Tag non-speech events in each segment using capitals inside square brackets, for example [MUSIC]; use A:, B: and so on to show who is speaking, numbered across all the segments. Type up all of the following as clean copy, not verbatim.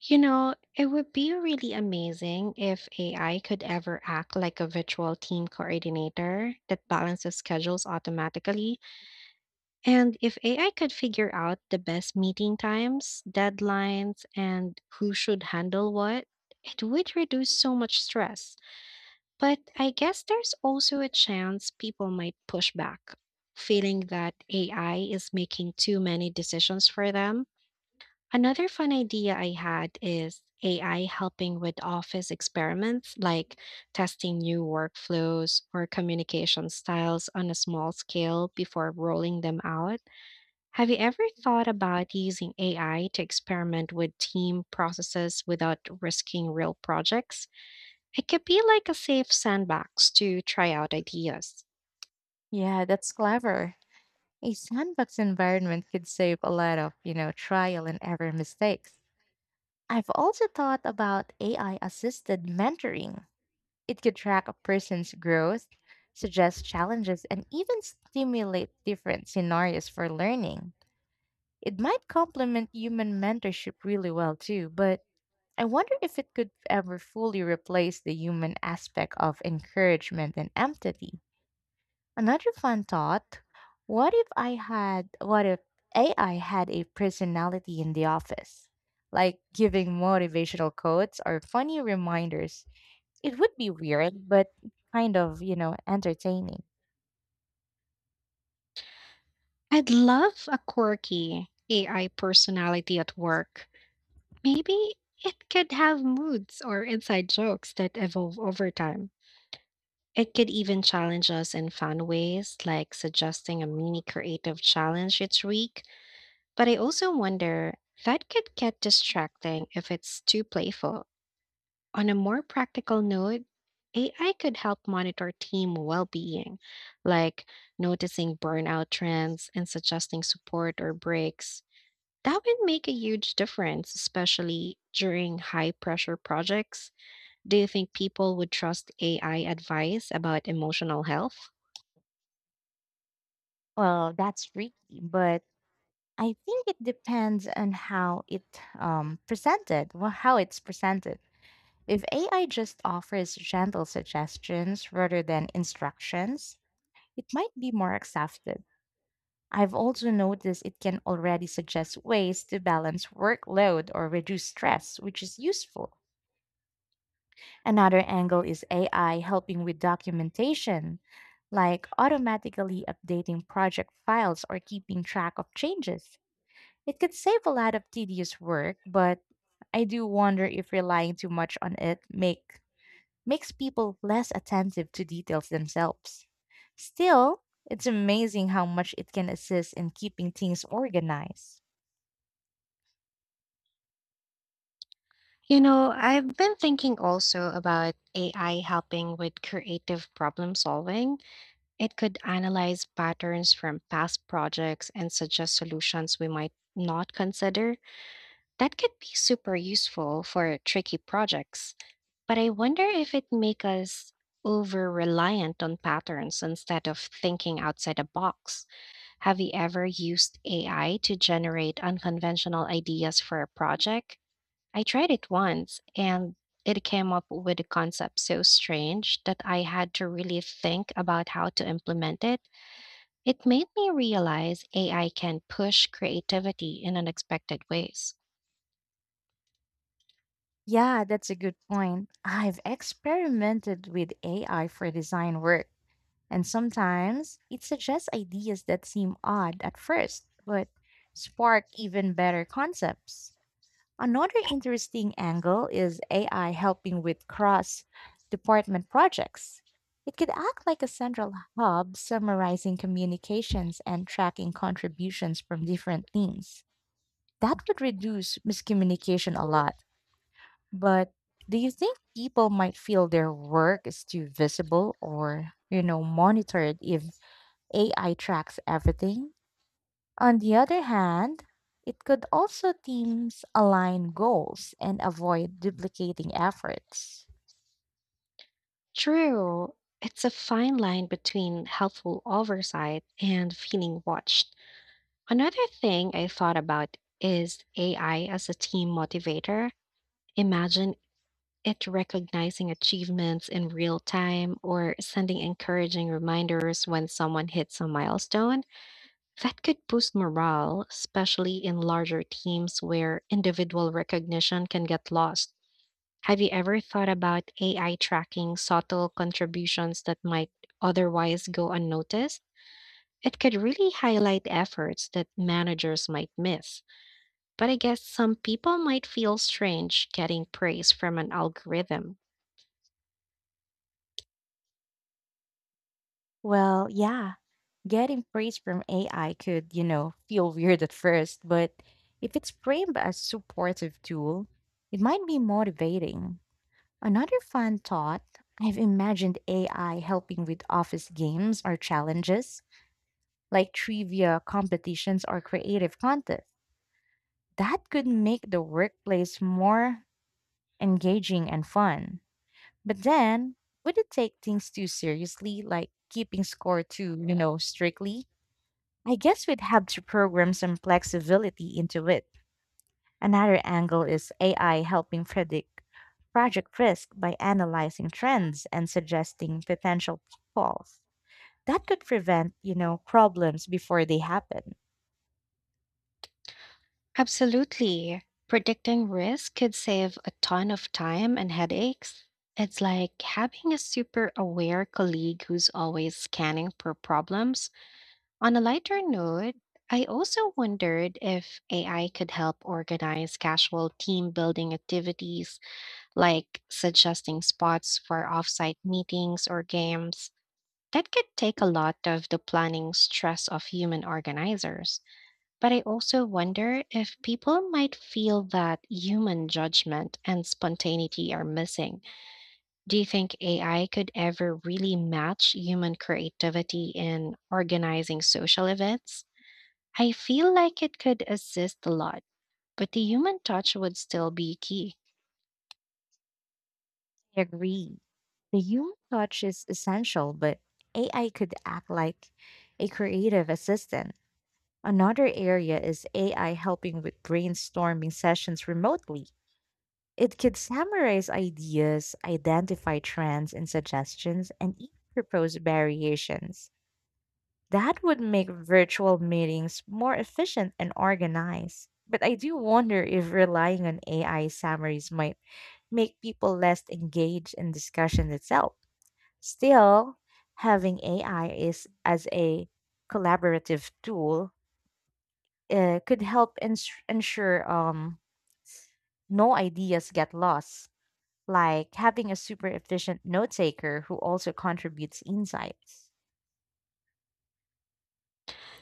A: You know, it would be really amazing if AI could ever act like a virtual team coordinator that balances schedules automatically. And if AI could figure out the best meeting times, deadlines, and who should handle what, it would reduce so much stress. But I guess there's also a chance people might push back, feeling that AI is making too many decisions for them. Another fun idea I had is AI helping with office experiments like testing new workflows or communication styles on a small scale before rolling them out. Have you ever thought about using AI to experiment with team processes without risking real projects? It could be like a safe sandbox to try out ideas.
B: Yeah, that's clever. A sandbox environment could save a lot of trial and error mistakes. I've also thought about AI assisted mentoring. It could track a person's growth, suggest challenges, and even stimulate different scenarios for learning. It might complement human mentorship really well too, but I wonder if it could ever fully replace the human aspect of encouragement and empathy. Another fun thought, what if AI had a personality in the office? Like giving motivational quotes or funny reminders. It would be weird, but kind of entertaining.
A: I'd love a quirky AI personality at work. Maybe it could have moods or inside jokes that evolve over time. It could even challenge us in fun ways, like suggesting a mini creative challenge each week. But I also wonder, that could get distracting if it's too playful. On a more practical note, AI could help monitor team well being, like noticing burnout trends and suggesting support or breaks. That would make a huge difference, especially during high pressure projects. Do you think people would trust AI advice about emotional health?
B: Well, that's freaky, but I think it depends on how it's presented. If AI just offers gentle suggestions rather than instructions, it might be more accepted. I've also noticed it can already suggest ways to balance workload or reduce stress, which is useful. Another angle is AI helping with documentation, like automatically updating project files or keeping track of changes. It could save a lot of tedious work, but I do wonder if relying too much on it makes people less attentive to details themselves. Still, it's amazing how much it can assist in keeping things organized.
A: You know, I've been thinking also about AI helping with creative problem solving. It could analyze patterns from past projects and suggest solutions we might not consider. That could be super useful for tricky projects, but I wonder if it make us over reliant on patterns instead of thinking outside the box. Have you ever used AI to generate unconventional ideas for a project? I tried it once and it came up with a concept so strange that I had to really think about how to implement it. Made me realize AI can push creativity in unexpected ways.
B: Yeah, that's a good point. I've experimented with AI for design work, and sometimes it suggests ideas that seem odd at first, but spark even better concepts. Another interesting angle is AI helping with cross department projects. It could act like a central hub summarizing communications and tracking contributions from different teams. That would reduce miscommunication a lot. But do you think people might feel their work is too visible or monitored if AI tracks everything? On the other hand, it could also teams align goals and avoid duplicating efforts.
A: True, it's a fine line between helpful oversight and feeling watched. Another thing I thought about is AI as a team motivator. Imagine it recognizing achievements in real time or sending encouraging reminders when someone hits a milestone. That could boost morale, especially in larger teams where individual recognition can get lost. Have you ever thought about AI tracking subtle contributions that might otherwise go unnoticed? It could really highlight efforts that managers might miss. But I guess some people might feel strange getting praise from an algorithm.
B: Well, yeah, getting praise from AI could feel weird at first, but if it's framed as supportive tool, it might be motivating. Another fun thought, I've imagined AI helping with office games or challenges, like trivia competitions or creative contests. That could make the workplace more engaging and fun. But then, would it take things too seriously, like keeping score too strictly? I guess we'd have to program some flexibility into it. Another angle is AI helping predict project risk by analyzing trends and suggesting potential pitfalls. That could prevent problems before they happen.
A: Absolutely. Predicting risk could save a ton of time and headaches. It's like having a super aware colleague who's always scanning for problems. On a lighter note, I also wondered if AI could help organize casual team building activities like suggesting spots for offsite meetings or games. That could take a lot of the planning stress of human organizers. But I also wonder if people might feel that human judgment and spontaneity are missing. Do you think AI could ever really match human creativity in organizing social events? I feel like it could assist a lot, but the human touch would still be key.
B: I agree. The human touch is essential, but AI could act like a creative assistant. Another area is AI helping with brainstorming sessions remotely. It could summarize ideas, identify trends and suggestions, and even propose variations. That would make virtual meetings more efficient and organized. But I do wonder if relying on AI summaries might make people less engaged in discussion itself. Still, having AI is as a collaborative tool could help ensure no ideas get lost, like having a super efficient note taker who also contributes insights.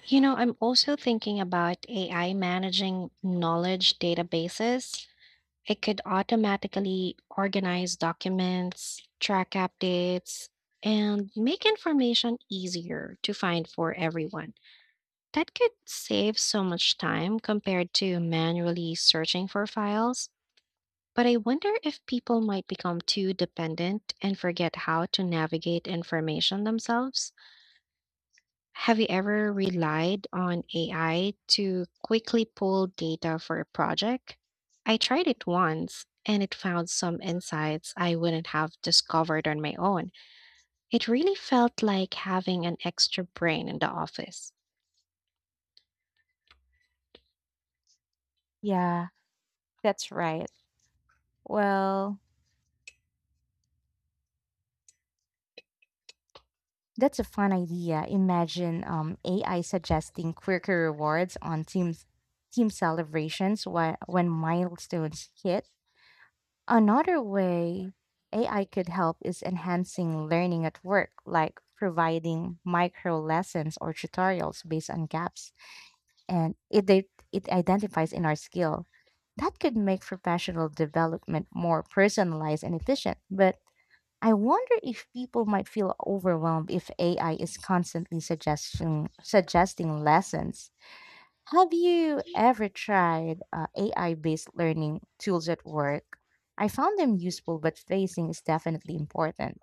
A: You know, I'm also thinking about AI managing knowledge databases. It could automatically organize documents, track updates, and make information easier to find for everyone. That could save so much time compared to manually searching for files. But I wonder if people might become too dependent and forget how to navigate information themselves. Have you ever relied on AI to quickly pull data for a project? I tried it once and it found some insights I wouldn't have discovered on my own. It really felt like having an extra brain in the office.
B: Yeah, that's right. Well, that's a fun idea. Imagine AI suggesting quicker rewards on team celebrations when milestones hit. Another way AI could help is enhancing learning at work, like providing micro lessons or tutorials based on gaps, and it identifies in our skill. That could make professional development more personalized and efficient. But I wonder if people might feel overwhelmed if AI is constantly suggesting lessons. Have you ever tried AI-based learning tools at work? I found them useful, but pacing is definitely important.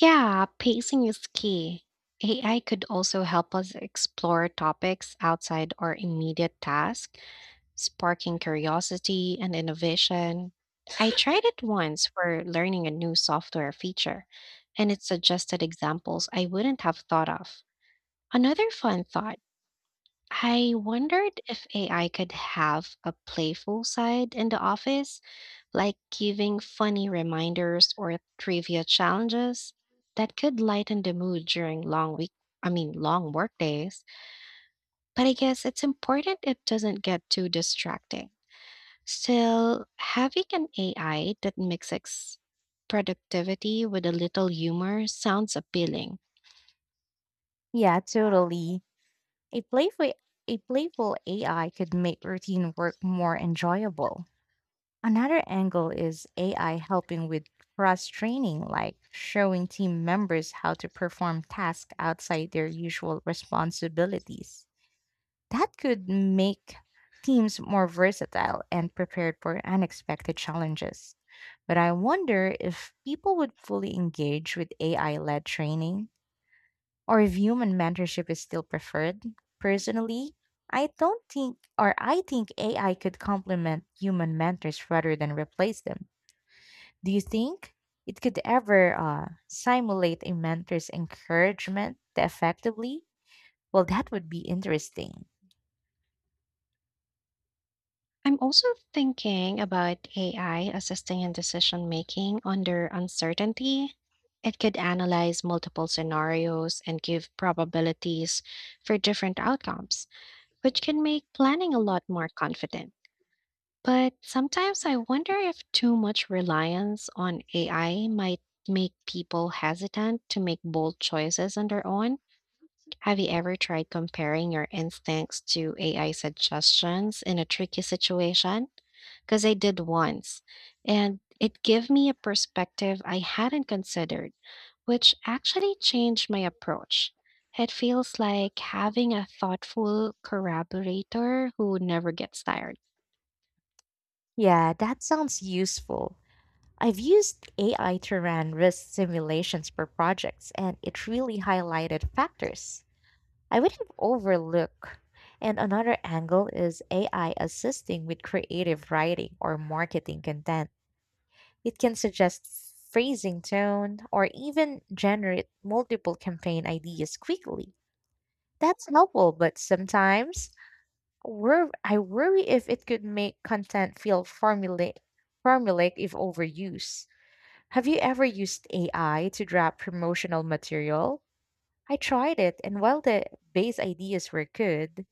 A: Yeah, pacing is key. AI could also help us explore topics outside our immediate task, sparking curiosity and innovation. I tried it once for learning a new software feature, and it suggested examples I wouldn't have thought of. Another fun thought, I wondered if AI could have a playful side in the office, like giving funny reminders or trivia challenges that could lighten the mood during long week. I mean, long work days, but I guess it's important it doesn't get too distracting. So, having an AI that mixes productivity with a little humor sounds appealing.
B: Yeah, totally. A playful a playful AI could make routine work more enjoyable. Another angle is AI helping with cross training, like showing team members how to perform tasks outside their usual responsibilities. That could make teams more versatile and prepared for unexpected challenges. But I wonder if people would fully engage with AI led training or if human mentorship is still preferred. Personally, I don't think, or I think AI could complement human mentors rather than replace them. Do you think it could ever simulate a mentor's encouragement effectively? Well, that would be interesting.
A: I'm also thinking about AI assisting in decision making under uncertainty. It could analyze multiple scenarios and give probabilities for different outcomes, which can make planning a lot more confident. But sometimes I wonder if too much reliance on AI might make people hesitant to make bold choices on their own. Have you ever tried comparing your instincts to AI suggestions in a tricky situation? Because I did once, and it gave me a perspective I hadn't considered, which actually changed my approach. It feels like having a thoughtful corroborator who never gets tired.
B: Yeah, that sounds useful. I've used AI to run risk simulations for projects, and it really highlighted factors I would have overlooked. And another angle is AI assisting with creative writing or marketing content. It can suggest phrasing tone or even generate multiple campaign ideas quickly. That's helpful, but sometimes I worry if it could make content feel formulaic if overused. Have you ever used AI to draft promotional material? I tried it, and while the base ideas were good,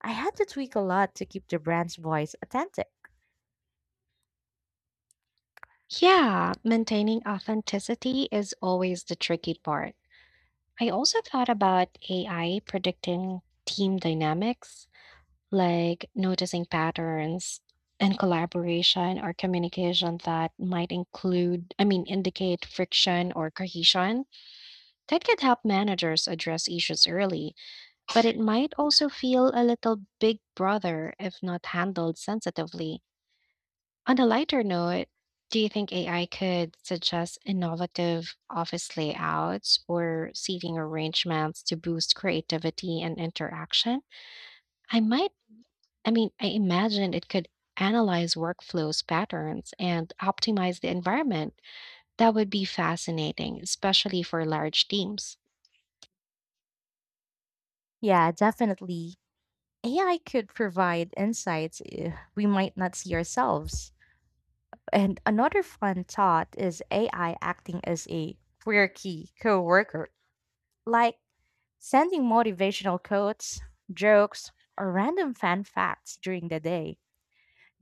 B: I had to tweak a lot to keep the brand's voice authentic.
A: Yeah, maintaining authenticity is always the tricky part. I also thought about AI predicting team dynamics, like noticing patterns and collaboration or communication that might include, I mean, indicate friction or cohesion. That could help managers address issues early, but it might also feel a little big brother if not handled sensitively. On a lighter note, do you think AI could suggest innovative office layouts or seating arrangements to boost creativity and interaction? I might, I mean, I imagine it could analyze workflows patterns and optimize the environment. That would be fascinating, especially for large teams.
B: Yeah, definitely. AI could provide insights we might not see ourselves. And another fun thought is AI acting as a quirky coworker, like sending motivational quotes, jokes, or random fun facts during the day.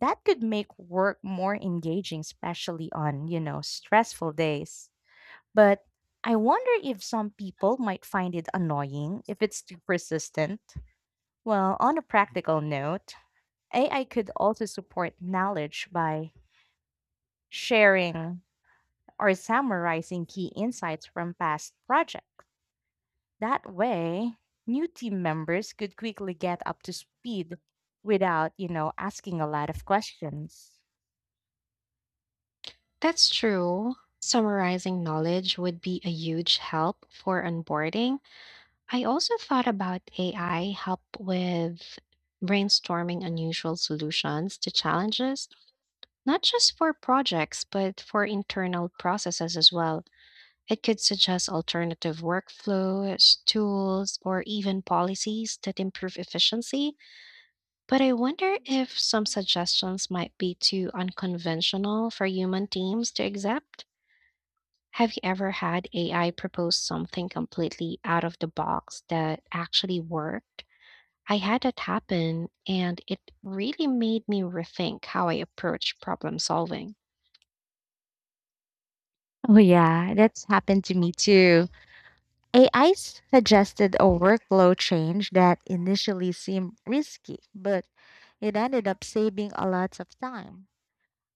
B: That could make work more engaging, especially on stressful days. But I wonder if some people might find it annoying if it's too persistent. Well, on a practical note, AI could also support knowledge by sharing or summarizing key insights from past projects. That way, new team members could quickly get up to speed without asking a lot of questions.
A: That's true. Summarizing knowledge would be a huge help for onboarding. I also thought about AI help with brainstorming unusual solutions to challenges, not just for projects, but for internal processes as well. It could suggest alternative workflows, tools, or even policies that improve efficiency. But I wonder if some suggestions might be too unconventional for human teams to accept. Have you ever had AI propose something completely out of the box that actually worked? I had that happen, and it really made me rethink how I approach problem solving.
B: Oh yeah, that's happened to me too. AI suggested a workflow change that initially seemed risky, but it ended up saving a lot of time.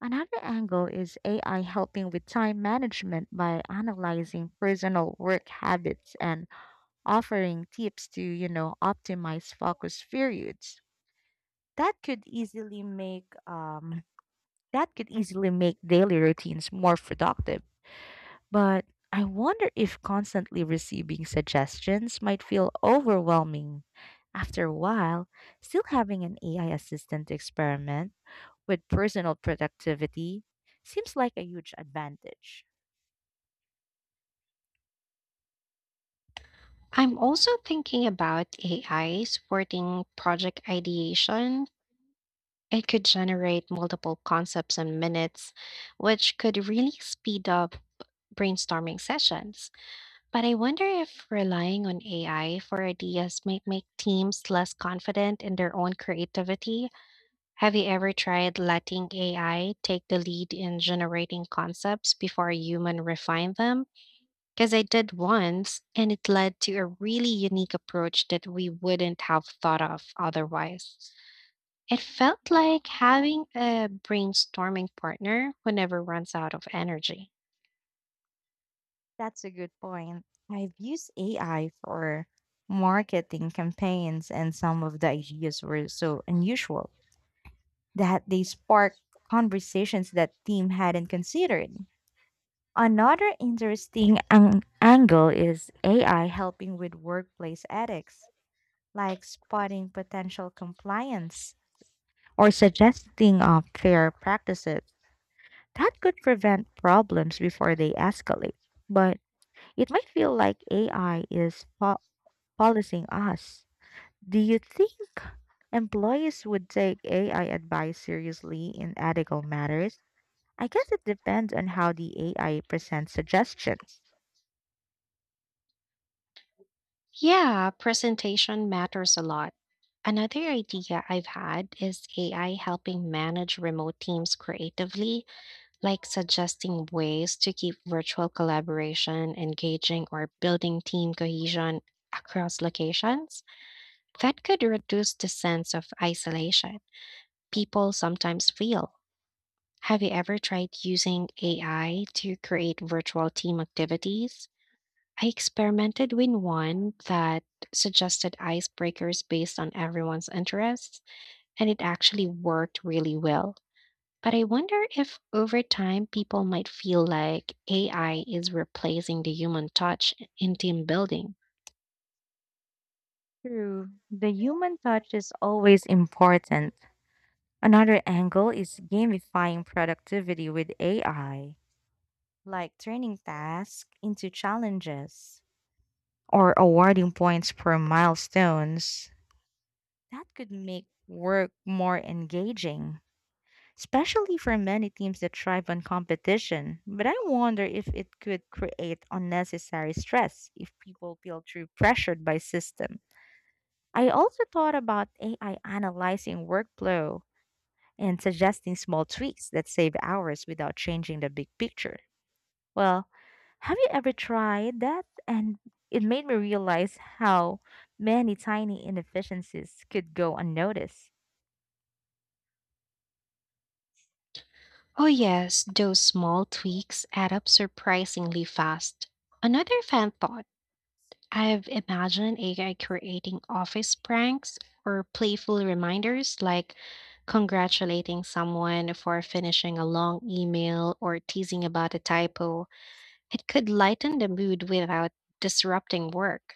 B: Another angle is AI helping with time management by analyzing personal work habits and offering tips to optimize focus periods. That could easily make um that could easily make daily routines more productive. But I wonder if constantly receiving suggestions might feel overwhelming. After a while, still having an AI assistant to experiment with personal productivity seems like a huge advantage.
A: I'm also thinking about AI supporting project ideation. It could generate multiple concepts in minutes, which could really speed up brainstorming sessions. But I wonder if relying on AI for ideas might make teams less confident in their own creativity. Have you ever tried letting AI take the lead in generating concepts before a human refine them? Because I did once, and it led to a really unique approach that we wouldn't have thought of otherwise. It felt like having a brainstorming partner who never runs out of energy.
B: That's a good point. I've used AI for marketing campaigns, and some of the ideas were so unusual that they sparked conversations that team hadn't considered. Another interesting angle is AI helping with workplace ethics, like spotting potential compliance or suggesting fair practices. That could prevent problems before they escalate, but it might feel like AI is policing us. Do you think employees would take AI advice seriously in ethical matters? I guess it depends on how the AI presents suggestions.
A: Yeah, presentation matters a lot. Another idea I've had is AI helping manage remote teams creatively, like suggesting ways to keep virtual collaboration engaging or building team cohesion across locations. That could reduce the sense of isolation people sometimes feel. Have you ever tried using AI to create virtual team activities? I experimented with one that suggested icebreakers based on everyone's interests, and it actually worked really well. But I wonder if over time people might feel like AI is replacing the human touch in team building.
B: True. The human touch is always important. Another angle is gamifying productivity with AI, like turning tasks into challenges, or awarding points for milestones. That could make work more engaging, especially for many teams that thrive on competition. But I wonder if it could create unnecessary stress if people feel too pressured by system. I also thought about AI analyzing workflow and suggesting small tweaks that save hours without changing the big picture. Well, have you ever tried that? And it made me realize how many tiny inefficiencies could go unnoticed.
A: Oh, yes, those small tweaks add up surprisingly fast. Another fan thought, I've imagined AI creating office pranks or playful reminders like congratulating someone for finishing a long email or teasing about a typo. It could lighten the mood without disrupting work.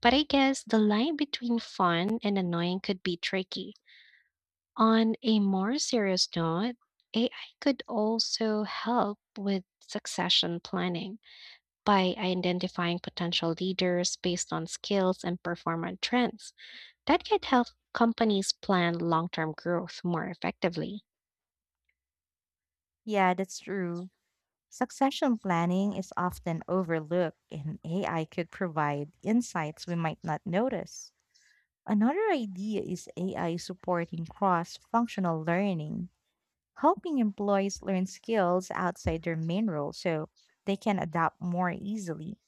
A: But I guess the line between fun and annoying could be tricky. On a more serious note, AI could also help with succession planning by identifying potential leaders based on skills and performance trends. That could help companies plan long term growth more effectively.
B: Yeah, that's true. Succession planning is often overlooked, and AI could provide insights we might not notice. Another idea is AI supporting cross functional learning, helping employees learn skills outside their main role so they can adapt more easily.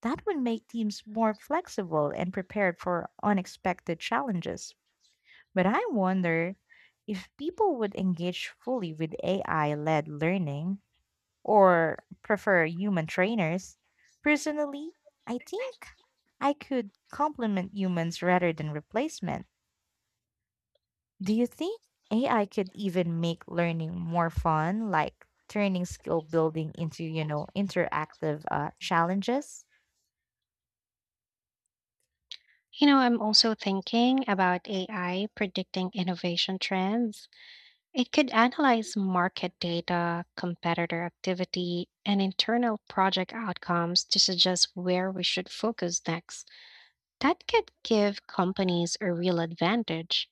B: That would make teams more flexible and prepared for unexpected challenges. But I wonder if people would engage fully with AI led learning or prefer human trainers. Personally, I think I could complement humans rather than replacement. Do you think AI could even make learning more fun, like turning skill building into interactive challenges?
A: You know, I'm also thinking about AI predicting innovation trends. It could analyze market data, competitor activity, and internal project outcomes to suggest where we should focus next. That could give companies a real advantage,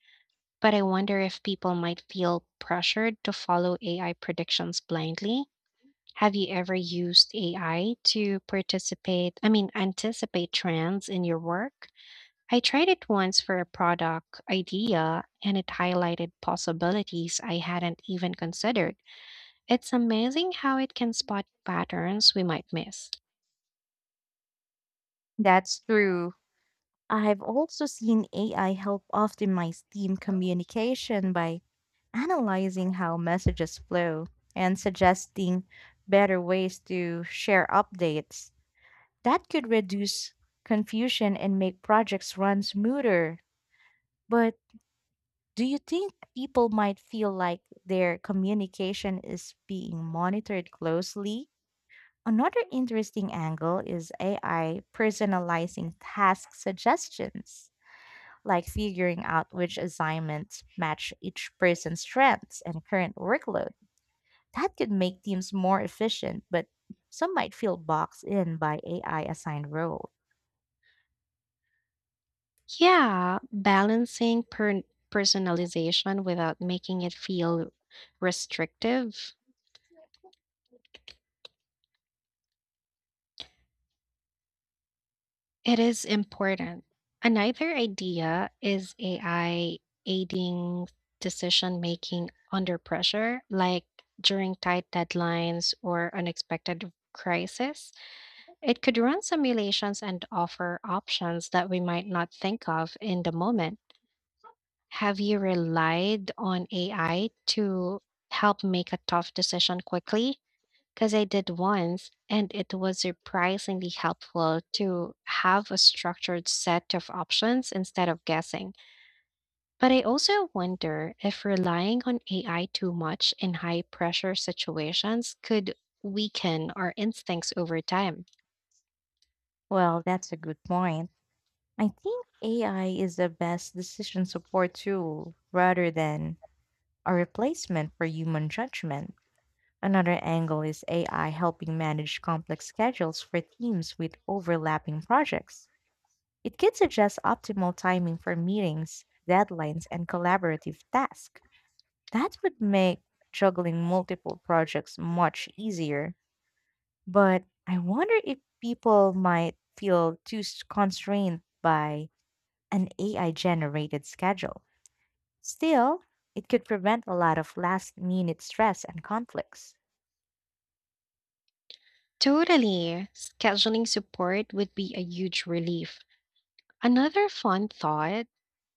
A: but I wonder if people might feel pressured to follow AI predictions blindly. Have you ever used AI to participate, I mean, anticipate trends in your work? I tried it once for a product idea and it highlighted possibilities I hadn't even considered. It's amazing how it can spot patterns we might miss.
B: That's true. I've also seen AI help optimize team communication by analyzing how messages flow and suggesting better ways to share updates. That could reduce confusion and make projects run smoother. But do you think people might feel like their communication is being monitored closely? Another interesting angle is AI personalizing task suggestions, like figuring out which assignments match each person's strengths and current workload. That could make teams more efficient, but some might feel boxed in by AI assigned roles.
A: Yeah, balancing personalization without making it feel restrictive. It is important. Another idea is AI aiding decision making under pressure, like during tight deadlines or unexpected crisis. It could run simulations and offer options that we might not think of in the moment. Have you relied on AI to help make a tough decision quickly? Because I did once, and it was surprisingly helpful to have a structured set of options instead of guessing. But I also wonder if relying on AI too much in high pressure situations could weaken our instincts over time.
B: Well, that's a good point. I think AI is the best decision support tool rather than a replacement for human judgment. Another angle is AI helping manage complex schedules for teams with overlapping projects. It can suggest optimal timing for meetings, deadlines, and collaborative tasks. That would make juggling multiple projects much easier. But I wonder if people might feel too constrained by an AI generated schedule. Still, it could prevent a lot of last minute stress and conflicts.
A: Totally. Scheduling support would be a huge relief. Another fun thought,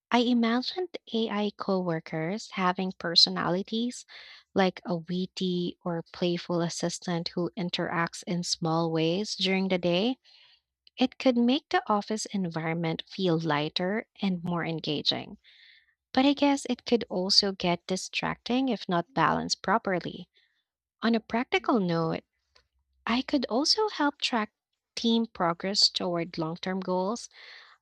A: I imagined AI coworkers having personalities like a witty or playful assistant who interacts in small ways during the day. It could make the office environment feel lighter and more engaging. But I guess it could also get distracting if not balanced properly. On a practical note, I could also help track team progress toward long term goals,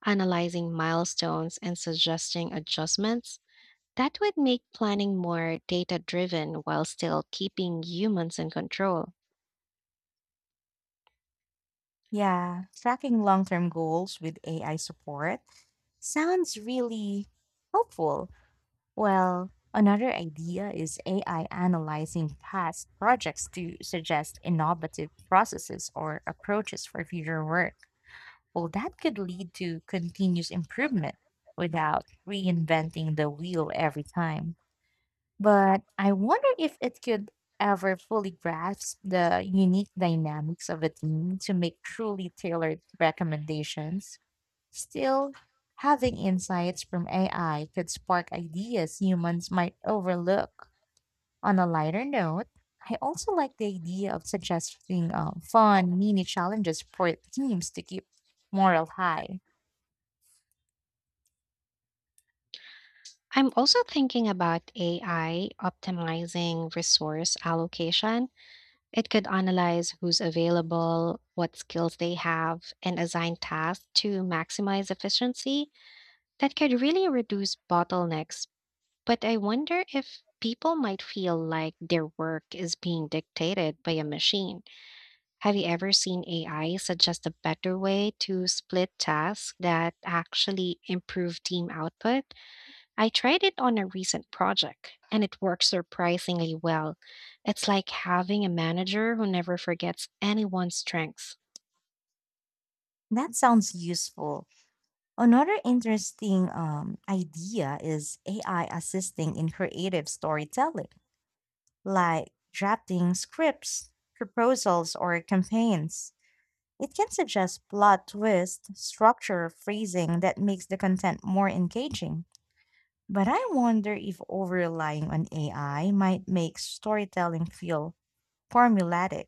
A: analyzing milestones and suggesting adjustments. That would make planning more data driven while still keeping humans in control.
B: Yeah, tracking long term goals with AI support sounds really helpful. Well, another idea is AI analyzing past projects to suggest innovative processes or approaches for future work. Well, that could lead to continuous improvement without reinventing the wheel every time. But I wonder if it could ever fully grasp the unique dynamics of a team to make truly tailored recommendations. Still, having insights from AI could spark ideas humans might overlook. On a lighter note, I also like the idea of suggesting fun mini challenges for teams to keep morale high.
A: I'm also thinking about AI optimizing resource allocation. It could analyze who's available, what skills they have, and assign tasks to maximize efficiency. That could really reduce bottlenecks. But I wonder if people might feel like their work is being dictated by a machine. Have you ever seen AI suggest a better way to split tasks that actually improve team output? I tried it on a recent project and it works surprisingly well. It's like having a manager who never forgets anyone's strengths.
B: That sounds useful. Another interesting idea is AI assisting in creative storytelling, like drafting scripts, proposals, or campaigns. It can suggest plot twist, structure, phrasing that makes the content more engaging. But I wonder if over relying on AI might make storytelling feel formulaic.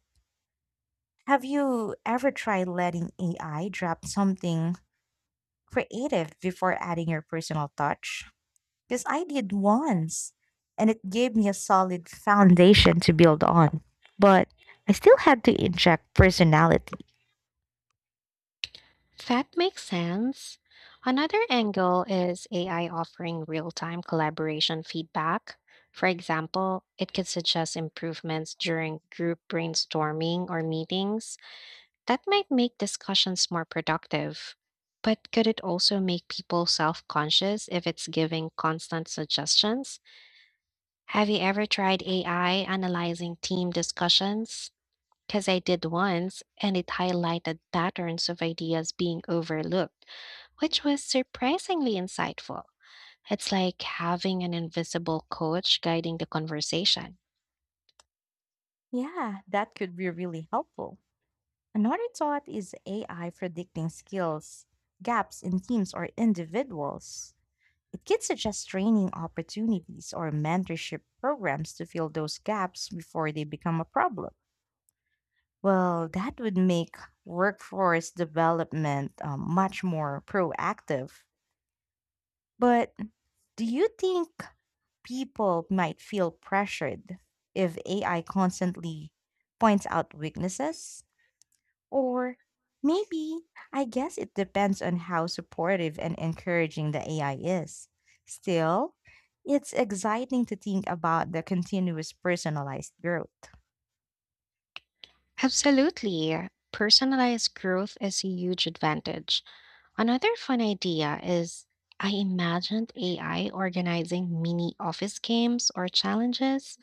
B: Have you ever tried letting AI draft something creative before adding your personal touch? Because I did once, and it gave me a solid foundation to build on. But I still had to inject personality.
A: That makes sense. Another angle is AI offering real time collaboration feedback. For example, it could suggest improvements during group brainstorming or meetings. That might make discussions more productive, but could it also make people self conscious if it's giving constant suggestions? Have you ever tried AI analyzing team discussions? Because I did once, and it highlighted patterns of ideas being overlooked, which was surprisingly insightful. It's like having an invisible coach guiding the conversation.
B: Yeah, that could be really helpful. Another thought is AI predicting skills, gaps in teams or individuals. It could suggest training opportunities or mentorship programs to fill those gaps before they become a problem. Well, that would make workforce development much more proactive. But do you think people might feel pressured if AI constantly points out weaknesses? Or maybe, I guess it depends on how supportive and encouraging the AI is. Still, it's exciting to think about the continuous personalized growth.
A: Absolutely. Personalized growth is a huge advantage. Another fun idea is, I imagined AI organizing mini office games or challenges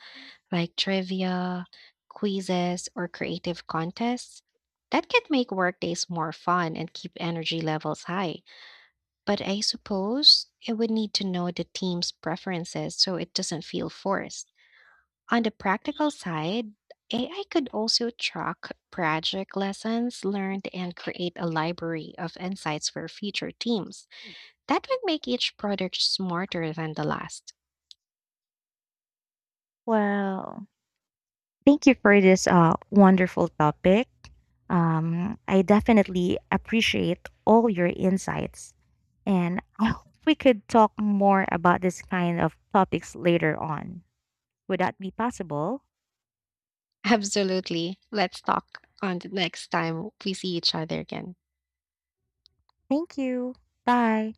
A: like trivia, quizzes, or creative contests. That could make workdays more fun and keep energy levels high. But I suppose it would need to know the team's preferences so it doesn't feel forced. On the practical side, AI could also track project lessons learned and create a library of insights for future teams. That would make each product smarter than the last.
B: Well, thank you for this wonderful topic. I definitely appreciate all your insights, and [LAUGHS] I hope we could talk more about this kind of topics later on. Would that be possible?
A: Absolutely. Let's talk on the next time we see each other again.
B: Thank you. Bye.